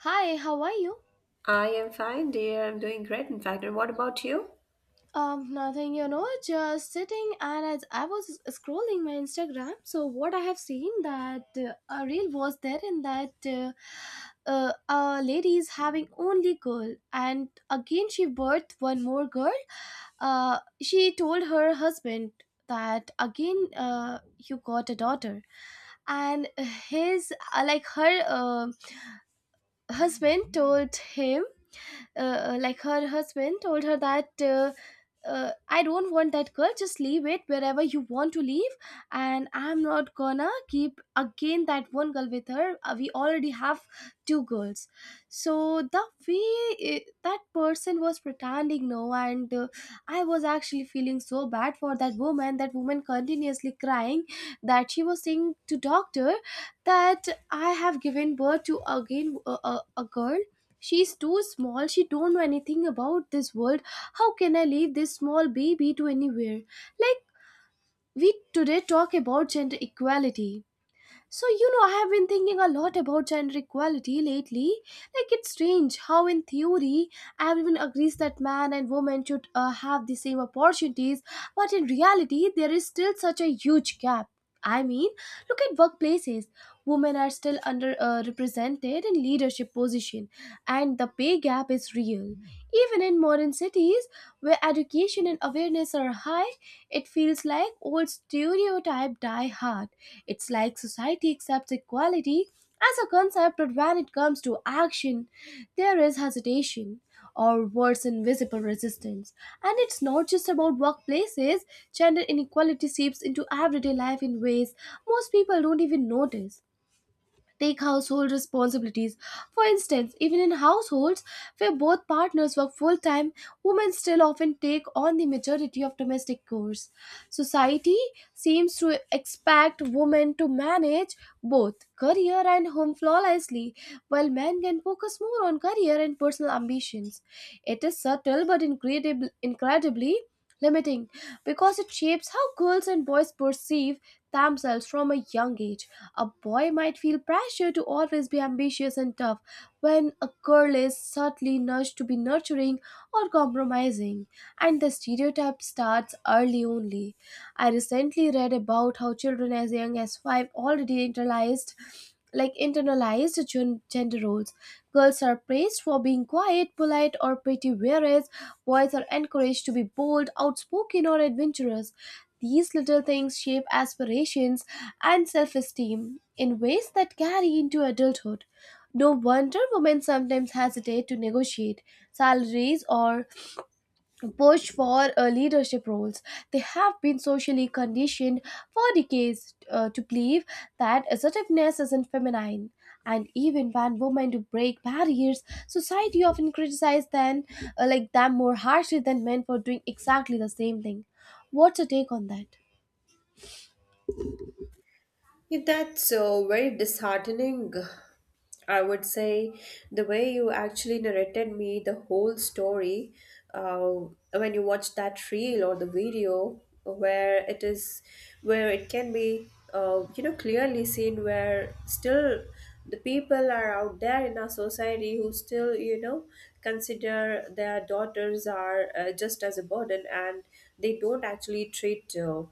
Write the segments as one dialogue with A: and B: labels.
A: Hi, how are you?
B: I am fine, dear. I'm doing great, in fact. And what about you?
A: Nothing, just sitting and as I was scrolling my Instagram, so what I have seen that a reel was there in that a lady is having only girl and again she birthed one more girl. She told her husband that again you got a daughter and his like her husband told him like her husband told her that I don't want that girl. Just leave it wherever you want to leave, and I'm not gonna keep again that one girl with her. We already have two girls, so the way that person was pretending no, and I was actually feeling so bad for that woman. That woman continuously crying that she was saying to doctor that I have given birth to again a girl. She's too small. She don't know anything about this world. How can I leave this small baby to anywhere? Like we today talk about gender equality. So, you know, I have been thinking a lot about gender equality lately. Like, it's strange how, in theory, everyone agrees that man and woman should have the same opportunities, but in reality, there is still such a huge gap. I mean, look at workplaces. Women are still underrepresented in leadership position, and the pay gap is real. Even in modern cities, where education and awareness are high, it feels like old stereotype die hard. It's like society accepts equality as a concept, but when it comes to action, there is hesitation or worse, invisible resistance. And it's not just about workplaces, gender inequality seeps into everyday life in ways most people don't even notice. Take household responsibilities. For instance, even in households where both partners work full time, women still often take on the majority of domestic chores. Society seems to expect women to manage both career and home flawlessly, while men can focus more on career and personal ambitions. It is subtle but incredibly limiting because it shapes how girls and boys perceive themselves from a young age. A boy might feel pressure to always be ambitious and tough, when a girl is subtly nudged to be nurturing or compromising, and the stereotype starts early only. I recently read about how children as young as five already internalized gender roles. Girls are praised for being quiet, polite, or pretty, whereas boys are encouraged to be bold, outspoken, or adventurous. These little things shape aspirations and self esteem in ways that carry into adulthood. No wonder women sometimes hesitate to negotiate salaries or pushed for leadership roles. They have been socially conditioned for decades to believe that assertiveness isn't feminine. And even when women do break barriers, society often criticizes them, like them more harshly than men for doing exactly the same thing. What's your take on that?
B: Yeah, that's so very disheartening. I would say the way you actually narrated me the whole story, when you watch that reel or the video, where it can be, you know, clearly seen, where still the people are out there in our society who still, you know, consider their daughters are, just as a burden, and they don't actually treat,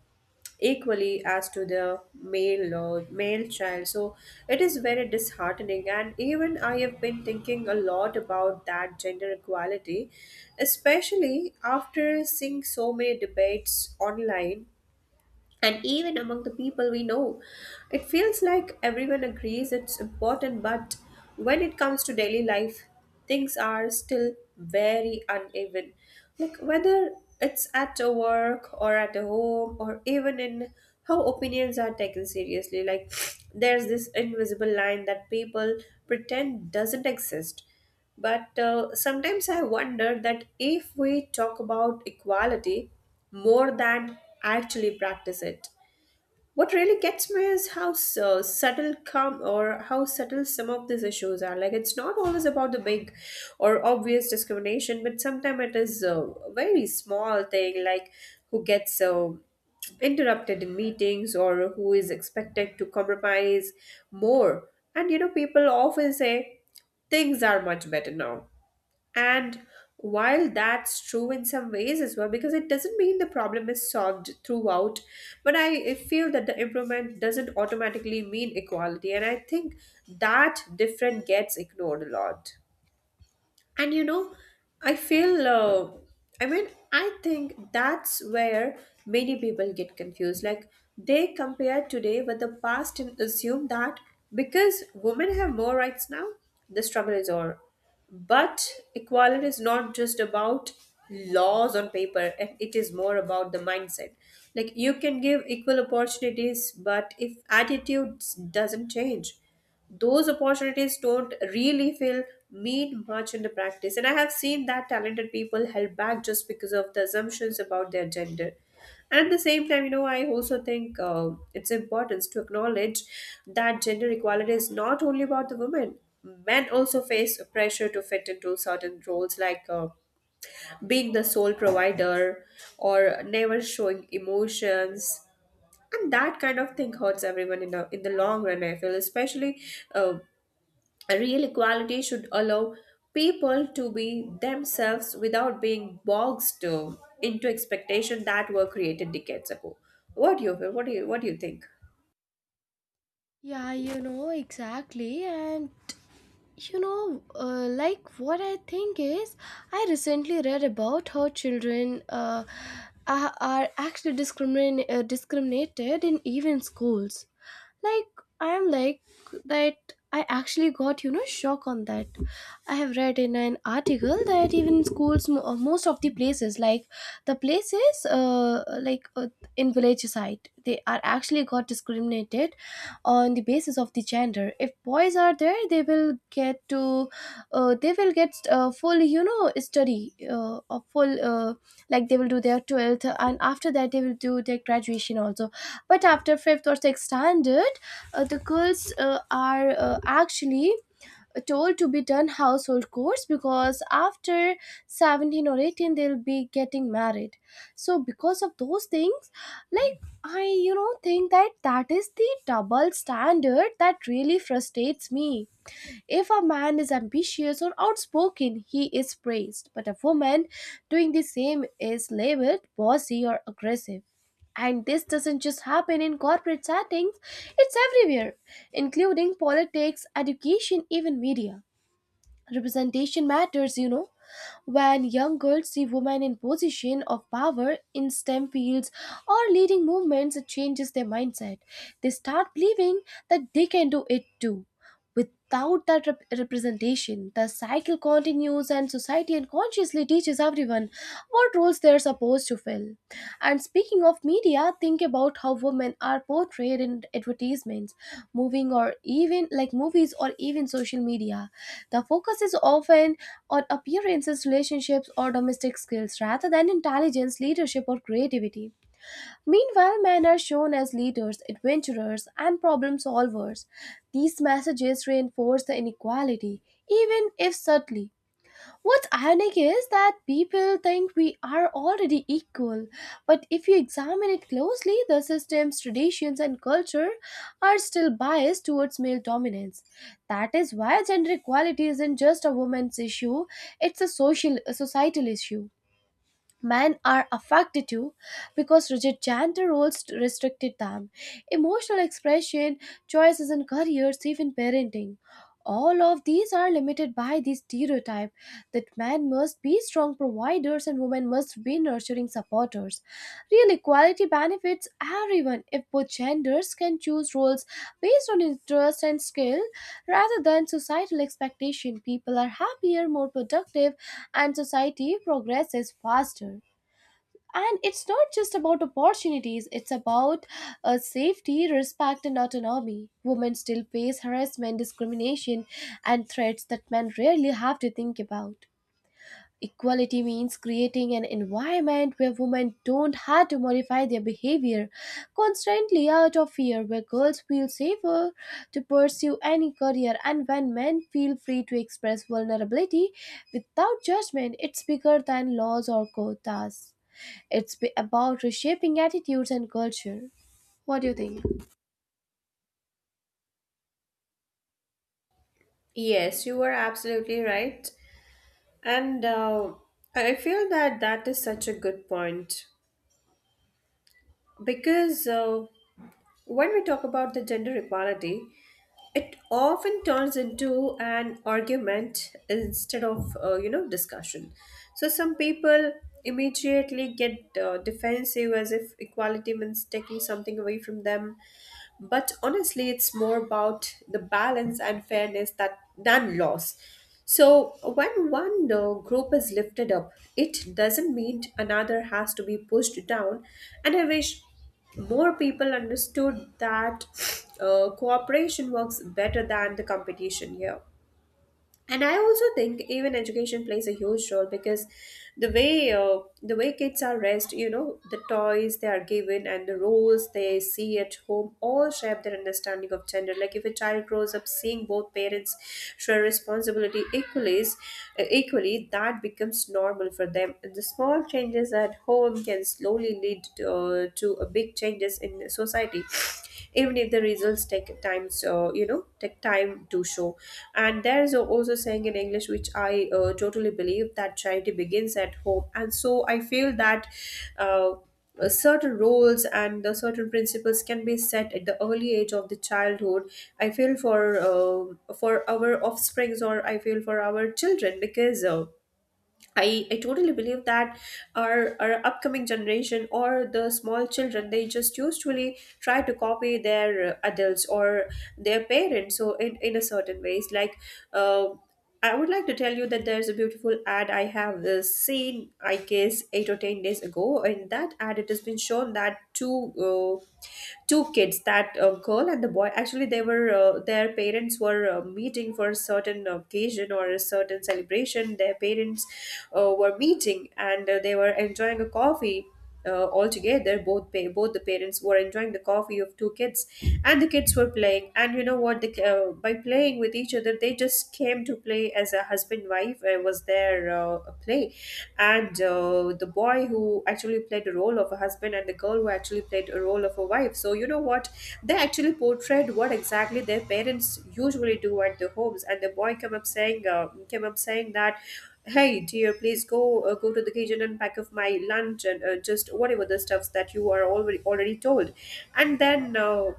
B: equally, as to the male or male child. So it is very disheartening, and even I have been thinking a lot about that gender equality, especially after seeing so many debates online and even among the people we know. It feels like everyone agrees it's important, but when it comes to daily life, things are still very uneven. Like, whether it's at a work or at a home or even in how opinions are taken seriously. Like, there's this invisible line that people pretend doesn't exist, but sometimes I wonder that if we talk about equality more than actually practice it. What really gets me is how su- subtle come or how subtle some of these issues are. Like, it's not always about the big or obvious discrimination, but sometimes it is a very small thing, like who gets, interrupted in meetings, or who is expected to compromise more. And you know, people often say things are much better now, and while that's true in some ways as well, because it doesn't mean the problem is solved throughout, but I feel that the improvement doesn't automatically mean equality. And I think that different gets ignored a lot. And you know, I feel I mean I think that's where many people get confused, like they compare today with the past and assume that because women have more rights now, the struggle is over. But equality is not just about laws on paper, and it is more about the mindset. Like, you can give equal opportunities, but if attitudes doesn't change, those opportunities don't really feel mean much in the practice. And I have seen that talented people held back just because of the assumptions about their gender. And at the same time, you know, I also think, it's important to acknowledge that gender equality is not only about the women. Men also face pressure to fit into certain roles, like, being the sole provider, or never showing emotions. And that kind of thing hurts everyone in the long run, I feel, especially, uh, a real equality should allow people to be themselves without being boxed, into expectations that were created decades ago. What do you feel, what do you think?
A: Yeah, you know, exactly. And you know, like what I think is, I recently read about how children are actually discriminated in even schools, like I am like that I actually got, you know, shock on that. I have read in an article that even schools, most of the places, like the places in village side, they are actually got discriminated on the basis of the gender. If boys are there they will get to they will get full, you know, study of full like they will do their 12th and after that they will do their graduation also, but after fifth or sixth standard the girls are actually told to be done household chores because after 17 or 18 they'll be getting married. So because of those things, like I, you know, think that that is the double standard that really frustrates me. If a man is ambitious or outspoken, he is praised, but a woman doing the same is labeled bossy or aggressive. And this doesn't just happen in corporate settings, it's everywhere, including politics, education, even media. Representation matters, you know. When young girls see women in position of power in STEM fields or leading movements, it changes their mindset. They start believing that they can do it too. Without that representation, the cycle continues and society unconsciously teaches everyone what roles they're supposed to fill. And speaking of media, think about how women are portrayed in advertisements, moving or even like movies or even social media. The focus is often on appearances, relationships, or domestic skills rather than intelligence, leadership, or creativity. Meanwhile, men are shown as leaders, adventurers, and problem solvers. These messages reinforce the inequality, even if subtly. What's ironic is that people think we are already equal, but if you examine it closely, the system's traditions and culture are still biased towards male dominance. That is why gender equality isn't just a woman's issue, it's a social, a societal issue. Men are affected too because rigid gender roles restricted them. Emotional expression, choices in careers, even parenting. All of these are limited by the stereotype that men must be strong providers and women must be nurturing supporters. Real equality benefits everyone. If both genders can choose roles based on interest and skill rather than societal expectation, people are happier, more productive, and society progresses faster. And it's not just about opportunities, it's about safety, respect, and autonomy. Women still face harassment, discrimination, and threats that men rarely have to think about. Equality means creating an environment where women don't have to modify their behavior constantly out of fear, where girls feel safer to pursue any career and when men feel free to express vulnerability without judgment. It's bigger than laws or quotas, it's about reshaping attitudes and culture. What do you think?
B: Yes, you were absolutely right. And, I feel that that is such a good point, because, when we talk about the gender equality, it often turns into an argument instead of, you know, discussion. So some people immediately get, defensive, as if equality means taking something away from them, but honestly, it's more about the balance and fairness that than loss. So when one, group is lifted up, it doesn't mean another has to be pushed down. And I wish more people understood that, cooperation works better than the competition here. And I also think even education plays a huge role, because the way kids are raised, you know, the toys they are given and the roles they see at home all shape their understanding of gender. Like, if a child grows up seeing both parents share responsibility equally, that becomes normal for them, and the small changes at home can slowly lead, to a big changes in society, even if the results take time, so you know, take time to show. And there is also saying in english, which I, totally believe, that charity begins at home. And so I feel that, uh, certain roles and the certain principles can be set at the early age of the childhood. I feel for, for our offsprings, or I feel for our children, because, I totally believe that our upcoming generation, or the small children, they just usually try to copy their, adults, or their parents. So in a certain ways, like, uh, I would like to tell you that there's a beautiful ad I have, seen, I guess 8 or 10 days ago. In that ad it has been shown that two, two kids, that, girl and the boy, actually they were, their parents were, meeting for a certain occasion or a certain celebration. Their parents, were meeting, and, they were enjoying a coffee, all together. Both the parents were enjoying the coffee of two kids, and the kids were playing. And you know what, the, by playing with each other, they just came to play as a husband wife, was their, play. And, the boy who actually played the role of a husband, and the girl who actually played a role of a wife. So you know what, they actually portrayed what exactly their parents usually do at their homes. And the boy came up saying that, hey dear, please, go to the kitchen and pack up my lunch, and, just whatever the stuffs that you are already told. And then,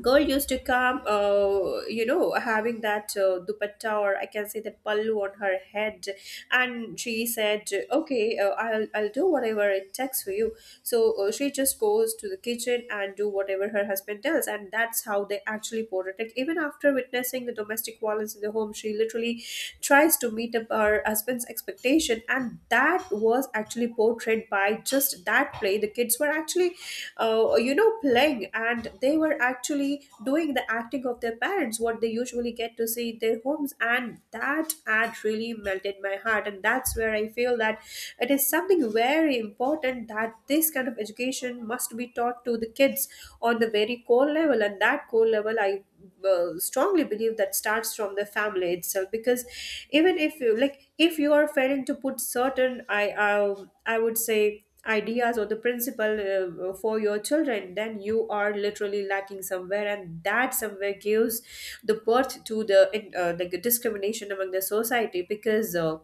B: girl used to come, you know, having that, dupatta, or I can say that pallu on her head. And she said, okay, I'll do whatever it takes for you. So, she just goes to the kitchen and do whatever her husband tells, and that's how they actually portrayed it. Even after witnessing the domestic violence in the home, she literally tries to meet up her husband's expectation. And that was actually portrayed by just that play. The kids were actually, you know, playing, and they were actually doing the acting of their parents, what they usually get to see in their homes. And that ad really melted my heart. And that's where I feel that it is something very important that this kind of education must be taught to the kids on the very core level. And that core level, I, strongly believe, that starts from the family itself, because even if you like, if you are failing to put certain, I would say, ideas or the principle, for your children, then you are literally lacking somewhere, and that somewhere gives the birth to the, like, the discrimination among the society, because,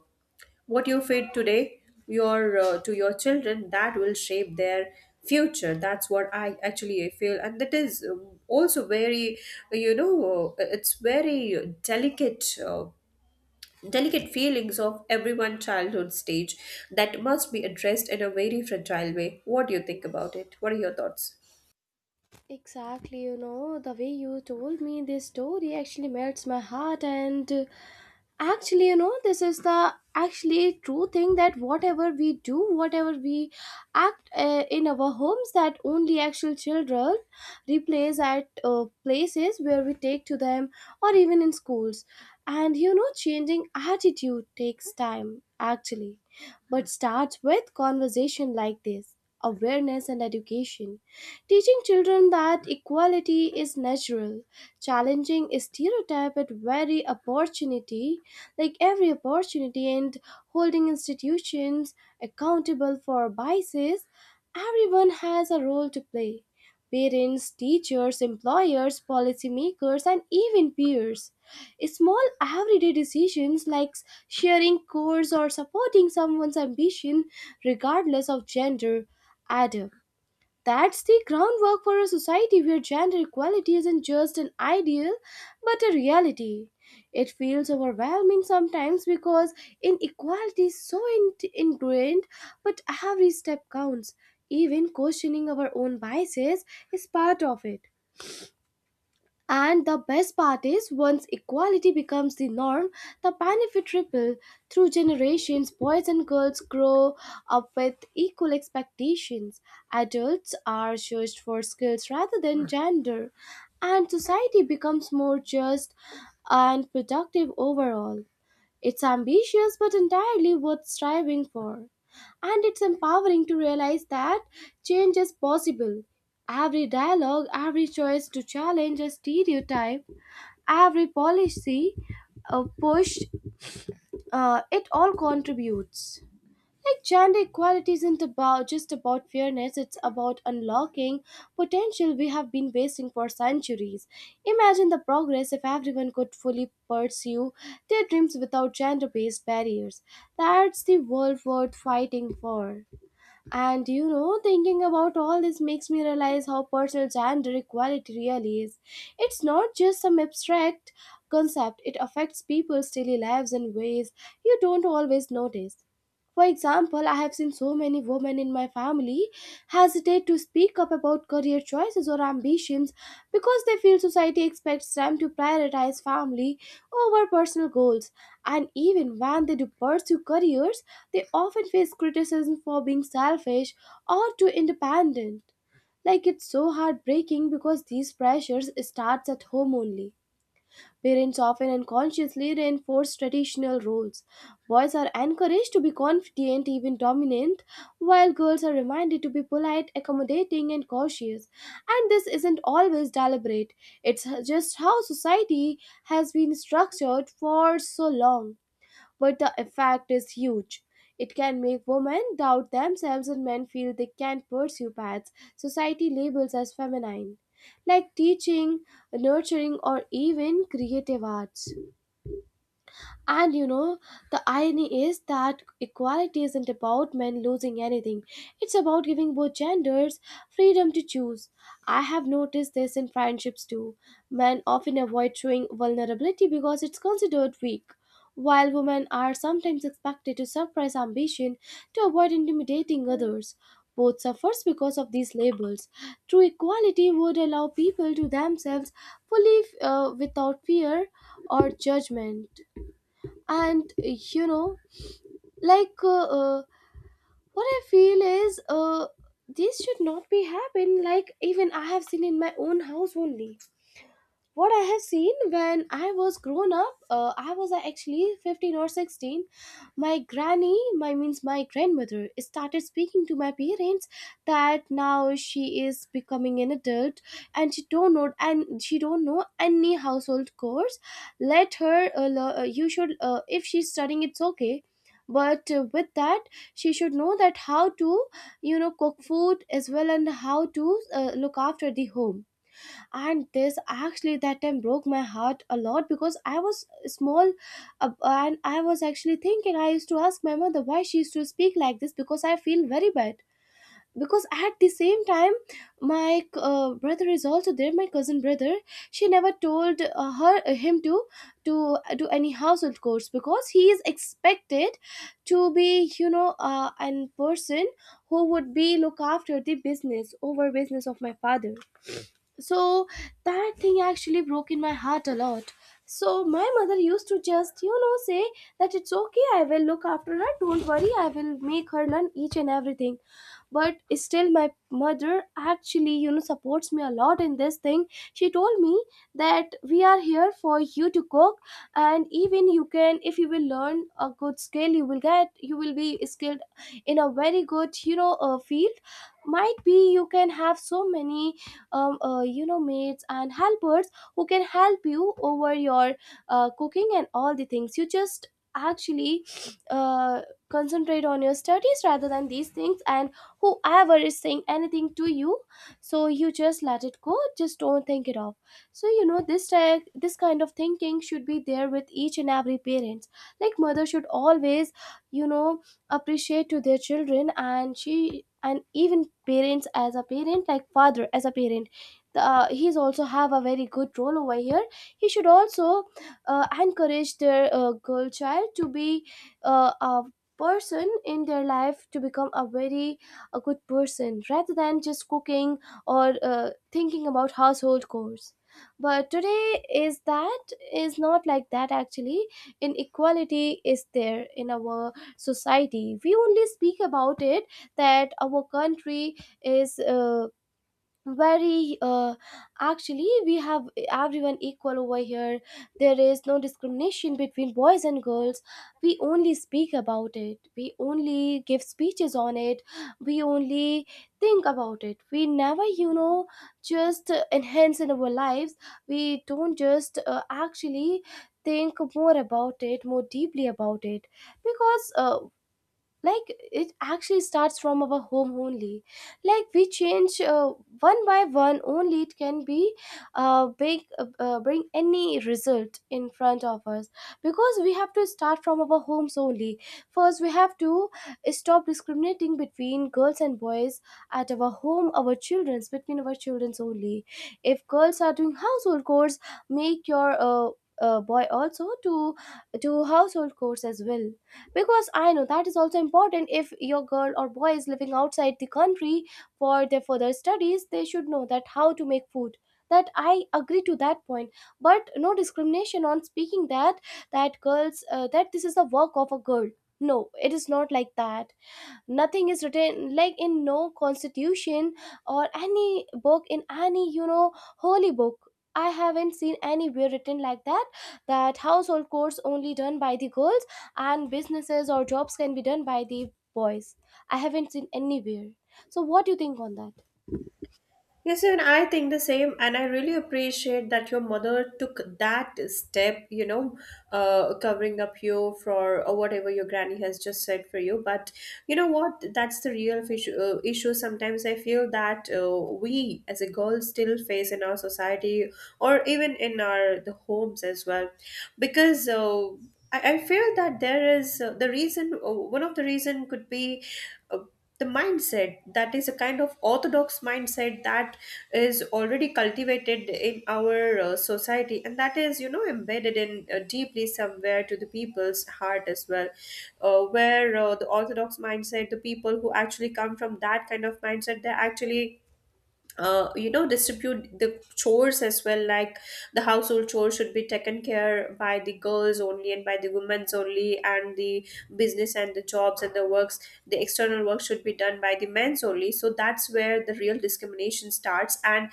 B: what you feed today your, to your children, that will shape their future. That's what I actually feel. And that is, also very, you know, it's very delicate, delicate feelings of everyone childhood stage that must be addressed in a very fragile way. What do you think about it? What are your thoughts?
A: Exactly, you know, the way you told me this story actually melts my heart. And actually, you know, this is the actually true thing that whatever we do, whatever we act in our homes, that only actual children replays at places where we take to them or even in schools. And you know, changing attitude takes time actually, but starts with conversation like this, awareness and education. Teaching children that equality is natural, challenging stereotype at every opportunity, like every opportunity, and holding institutions accountable for biases, everyone has a role to play. Parents, teachers, employers, policymakers, and even peers. Small everyday decisions like sharing chores or supporting someone's ambition, regardless of gender, add up. That's the groundwork for a society where gender equality isn't just an ideal, but a reality. It feels overwhelming sometimes because inequality is so ingrained, but every step counts. Even questioning our own biases is part of it. And the best part is, once equality becomes the norm, the benefit ripple through generations. Boys and girls grow up with equal expectations. Adults are judged for skills rather than gender, and society becomes more just and productive overall. It's ambitious but entirely worth striving for. And it's empowering to realize that change is possible. Every dialogue, every choice to challenge a stereotype, every policy pushed, it all contributes. Like gender equality isn't about just about fairness, it's about unlocking potential we have been wasting for centuries. Imagine the progress if everyone could fully pursue their dreams without gender based barriers. That's the world worth fighting for. And you know, thinking about all this makes me realize how personal gender equality really is. It's not just some abstract concept, it affects people's daily lives in ways you don't always notice. For example, I have seen so many women in my family hesitate to speak up about career choices or ambitions because they feel society expects them to prioritize family over personal goals. And even when they do pursue careers, they often face criticism for being selfish or too independent. Like it's so heartbreaking because these pressures starts at home only. Parents often unconsciously reinforce traditional roles. Boys are encouraged to be confident, even dominant, while girls are reminded to be polite, accommodating, and cautious. And this isn't always deliberate, it's just how society has been structured for so long, but the effect is huge. It can make women doubt themselves and men feel they can't pursue paths society labels as feminine, like teaching, nurturing, or even creative arts. And you know, the irony is that equality isn't about men losing anything, it's about giving both genders freedom to choose. I have noticed this in friendships too. Men often avoid showing vulnerability because it's considered weak. While women are sometimes expected to suppress ambition to avoid intimidating others, both suffers because of these labels. True equality would allow people to themselves fully without fear or judgment, and like uh, what I feel is, this should not be happen, like even I have seen in my own house only. What I have seen when I was grown up, I was actually 15 or 16. My granny, my grandmother, started speaking to my parents that now she is becoming an adult and she don't know any household course. Let her. You should. If she's studying, it's okay. But with that, she should know that how to, cook food as well, and how to look after the home. And this actually that time broke my heart a lot because I was small, and I was actually thinking, I used to ask my mother why she used to speak like this because I feel very bad. Because at the same time my brother is also there, my cousin brother, she never told her him to do any household chores because he is expected to be an person who would be look after the business over business of my father. So that thing actually broke in my heart a lot. So my mother used to just say that it's okay, I will look after her, don't worry, I will make her learn each and everything. But still my mother actually supports me a lot in this thing. She told me that we are here for you to cook, and even you can, if you will learn a good skill, you will be skilled in a very good field. Might be you can have so many maids and helpers who can help you over your cooking and all the things. You just actually uh, concentrate on your studies rather than these things, and whoever is saying anything to you, so you just let it go, just don't think it off. So this kind of thinking should be there with each and every parents, like mother should always you know appreciate to their children. And even parents, as a parent like father as a parent, he's also have a very good role over here. He should also encourage their girl child to be a person in their life, to become a good person rather than just cooking or thinking about household chores. But today is not like that, actually. Inequality is there in our society, we only speak about it, that our country is very actually we have everyone equal over here. There is no discrimination between boys and girls. We only speak about it, we only give speeches on it, we only think about it, we never just enhance in our lives. We don't just actually think more about it, more deeply about it. Because like it actually starts from our home only, like we change one by one, only it can be big bring any result in front of us. Because we have to start from our homes only. First we have to stop discriminating between girls and boys at our home, our children's between our children's only. If girls are doing household chores, make your boy also to do household chores as well, because I know that is also important. If your girl or boy is living outside the country for their further studies, they should know that how to make food, that I agree to that point. But no discrimination on speaking that, that girls that this is the work of a girl. No, it is not like that. Nothing is written like, in no constitution or any book, in any holy book I haven't seen anywhere written like that, that household chores only done by the girls and businesses or jobs can be done by the boys. I haven't seen anywhere. So what do you think on that?
B: Yes, even I think the same, and I really appreciate that your mother took that step, you know, covering up you for, or whatever your granny has just said for you. But you know what? That's the real issue. Sometimes I feel that, we, as a girl, still face in our society, or even in our the homes as well, because. I feel that there is, the reason, one of the reason could be, uh, the mindset that is a kind of orthodox mindset that is already cultivated in our, society, and that is, you know, embedded in, deeply somewhere to the people's heart as well, where the orthodox mindset, the people who actually come from that kind of mindset, they actually, you know, distribute the chores as well, like the household chores should be taken care by the girls only and by the women's only, and the business and the jobs and the works, the external work should be done by the men's only. So that's where the real discrimination starts. And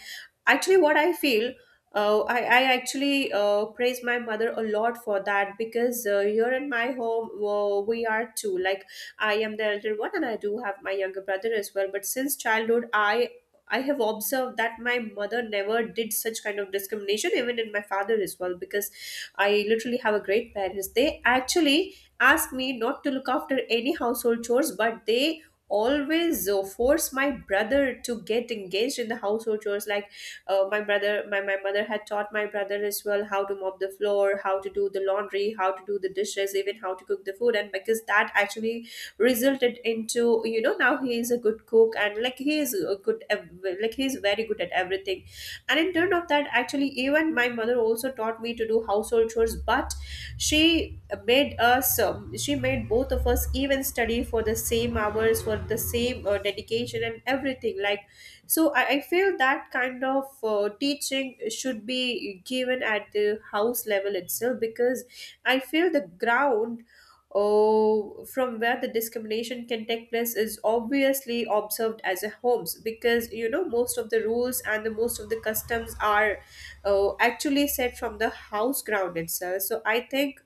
B: actually, what I feel, I actually, praise my mother a lot for that, because, here in my home, we are two, like, I am the elder one and I do have my younger brother as well. But since childhood, I have observed that my mother never did such kind of discrimination, even in my father as well, because I literally have a great parents. They actually ask me not to look after any household chores, but they always force my brother to get engaged in the household chores like my mother had taught my brother as well how to mop the floor, how to do the laundry, how to do the dishes, even how to cook the food. And because that actually resulted into, you know, now he is a good cook, and like he is a good like he is very good at everything. And in turn of that, actually, even my mother also taught me to do household chores, but she made us she made both of us even study for the same hours, for the same dedication and everything, like so I feel that kind of teaching should be given at the house level itself, because I feel the ground oh, from where the discrimination can take place is obviously observed as a homes, because, you know, most of the rules and the most of the customs are actually set from the house ground itself. So I think,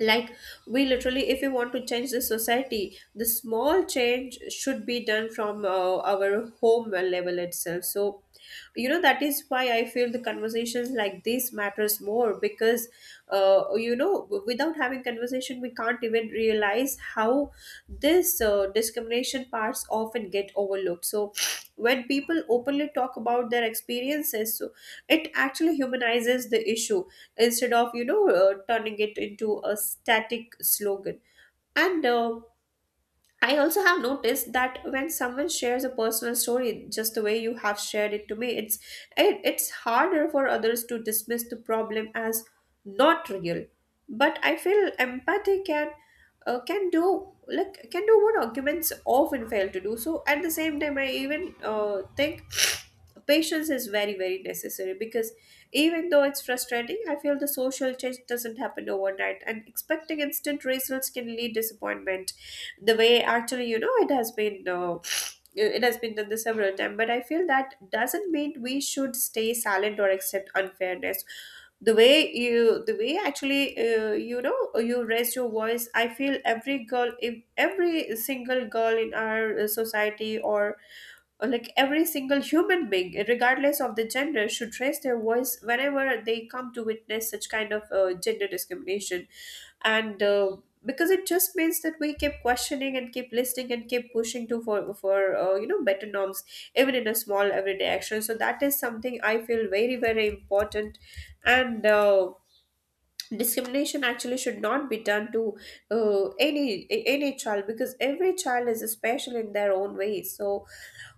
B: like, we literally, if we want to change the society, the small change should be done from our home level itself. So, you know, that is why I feel the conversations like this matters more, because you know, without having conversation we can't even realize how this discrimination parts often get overlooked. So when people openly talk about their experiences, so it actually humanizes the issue, instead of, you know, turning it into a static slogan. And I also have noticed that when someone shares a personal story, just the way you have shared it to me, it's harder for others to dismiss the problem as not real. But I feel empathy can do, like, can do what arguments often fail to do. So at the same time, I even think patience is very very necessary, because even though it's frustrating, I feel the social change doesn't happen overnight, and expecting instant results can lead disappointment. The way, actually, you know, it has been done this several times, but I feel that doesn't mean we should stay silent or accept unfairness. The way, actually, you know, you raise your voice, I feel every girl, if every single girl in our society, or like every single human being, regardless of the gender, should raise their voice whenever they come to witness such kind of gender discrimination. And Because it just means that we keep questioning and keep listening and keep pushing to for you know, better norms, even in a small everyday action. So that is something I feel very very important. And Discrimination actually should not be done to any child, because every child is special in their own way. So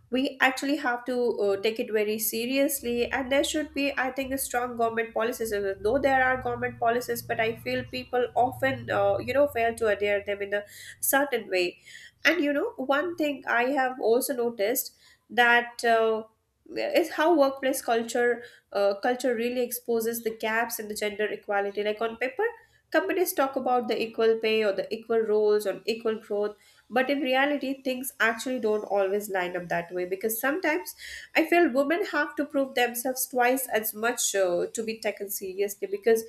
B: we actually have to take it very seriously, and there should be, I think, a strong government policies. Though there are government policies, but I feel people often you know, fail to adhere them in a certain way. And you know, one thing I have also noticed, that is how workplace culture really exposes the gaps in the gender equality. Like on paper, companies talk about the equal pay or the equal roles or equal growth, but in reality, things actually don't always line up that way, because sometimes I feel women have to prove themselves twice as much to be taken seriously, because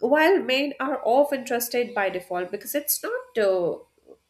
B: while men are often trusted by default. Because it's not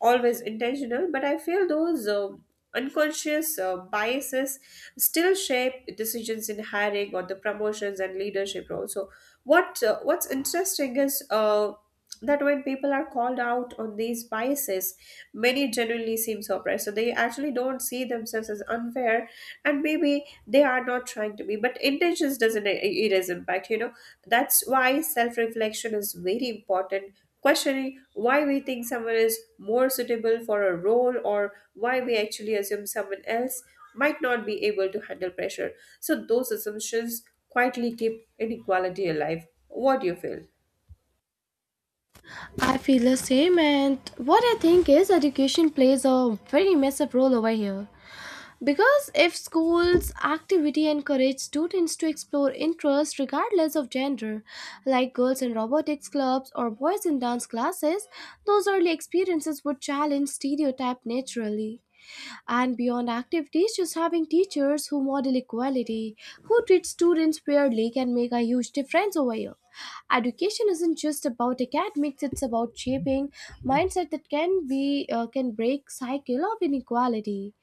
B: always intentional, but I feel those unconscious biases still shape decisions in hiring, or the promotions and leadership roles. So, what's interesting is that when people are called out on these biases, many genuinely seem surprised. So they actually don't see themselves as unfair, and maybe they are not trying to be. But intentions doesn't erase impact. You know, that's why self reflection is very important, questioning why we think someone is more suitable for a role, or why we actually assume someone else might not be able to handle pressure. So, those assumptions quietly keep inequality alive. What do you feel?
A: I feel the same, and what I think is education plays a very massive role over here. Because if schools' activity encourage students to explore interests regardless of gender, like girls in robotics clubs or boys in dance classes, those early experiences would challenge stereotype naturally. And beyond activities, just having teachers who model equality, who treat students fairly, can make a huge difference over here. Education isn't just about academics; it's about shaping mindset that can break cycle of inequality.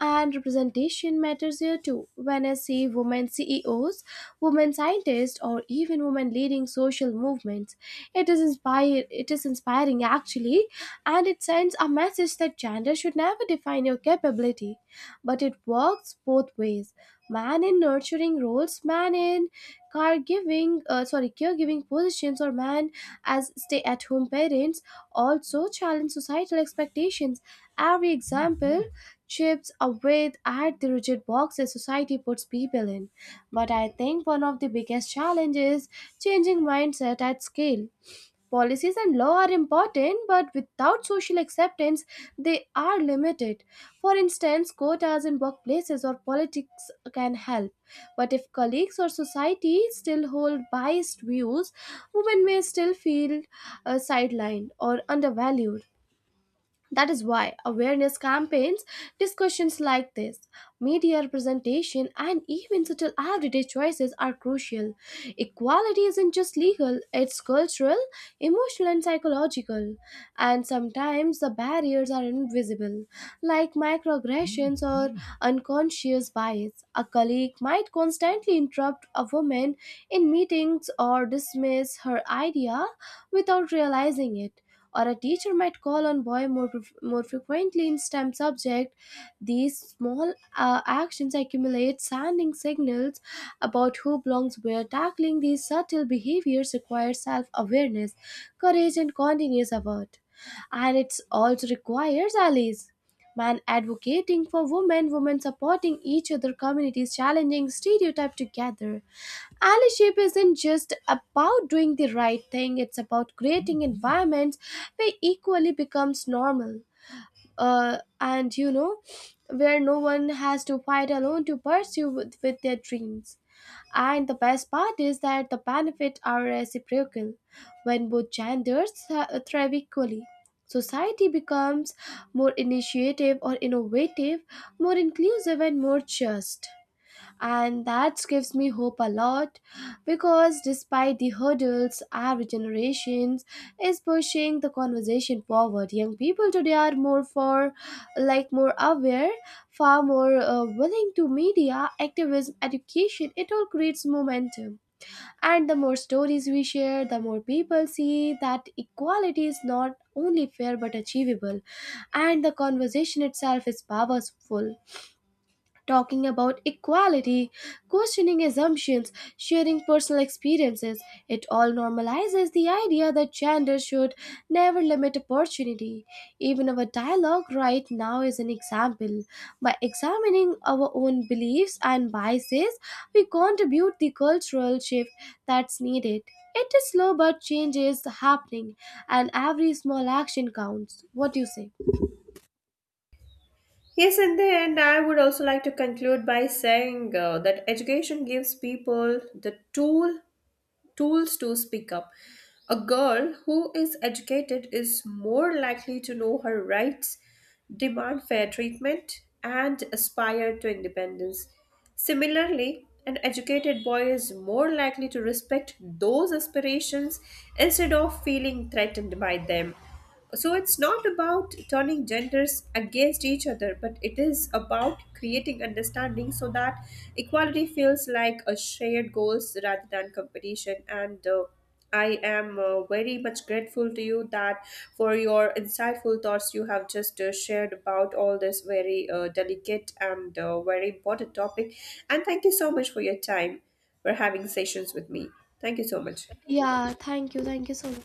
A: And representation matters here too. When I see women CEOs, women scientists, or even women leading social movements, it is inspired. It is inspiring actually, and it sends a message that gender should never define your capability. But it works both ways. Man in nurturing roles, man in caregiving, sorry, caregiving positions, or man as stay-at-home parents also challenge societal expectations. Every example chips away at the rigid boxes society puts people in. But I think one of the biggest challenges changing mindset at scale. Policies and law are important, but without social acceptance, they are limited. For instance, quotas in workplaces or politics can help. But if colleagues or society still hold biased views, women may still feel sidelined or undervalued. That is why awareness campaigns, discussions like this, media representation, and even subtle everyday choices are crucial. Equality isn't just legal, it's cultural, emotional, and psychological. And sometimes the barriers are invisible, like microaggressions or unconscious bias. A colleague might constantly interrupt a woman in meetings or dismiss her idea without realizing it, or a teacher might call on boy more, more frequently in STEM subject. These small actions accumulate, sending signals about who belongs where. Tackling these subtle behaviors requires self-awareness, courage, and continuous effort. And it also requires allies, man advocating for women, women supporting each other, communities challenging stereotype together. Allyship isn't just about doing the right thing, it's about creating environments where equally becomes normal. And where no one has to fight alone to pursue with their dreams. And the best part is that the benefits are reciprocal. When both genders thrive equally, society becomes more initiative or innovative, more inclusive, and more just, and that gives me hope a lot, because despite the hurdles our generations is pushing the conversation forward. Young people today are more for like more aware, far more willing to media activism, education, it all creates momentum, and the more stories we share, the more people see that equality is not only fair but achievable. And the conversation itself is powerful: talking about equality, questioning assumptions, sharing personal experiences. It all normalizes the idea that gender should never limit opportunity. Even our dialogue right now is an example. By examining our own beliefs and biases, we contribute the cultural shift that's needed. It is slow, but change is happening, and every small action counts. What do you say?
B: Yes, in the end, I would also like to conclude by saying that education gives people the tool tools to speak up. A girl who is educated is more likely to know her rights, demand fair treatment, and aspire to independence. Similarly, an educated boy is more likely to respect those aspirations instead of feeling threatened by them. So it's not about turning genders against each other, but it is about creating understanding, so that equality feels like a shared goals rather than competition. And I am very much grateful to you that for your insightful thoughts you have just shared about all this very delicate and very important topic. And thank you so much for your time for having sessions with me. Thank you so much.
A: Yeah, thank you so much.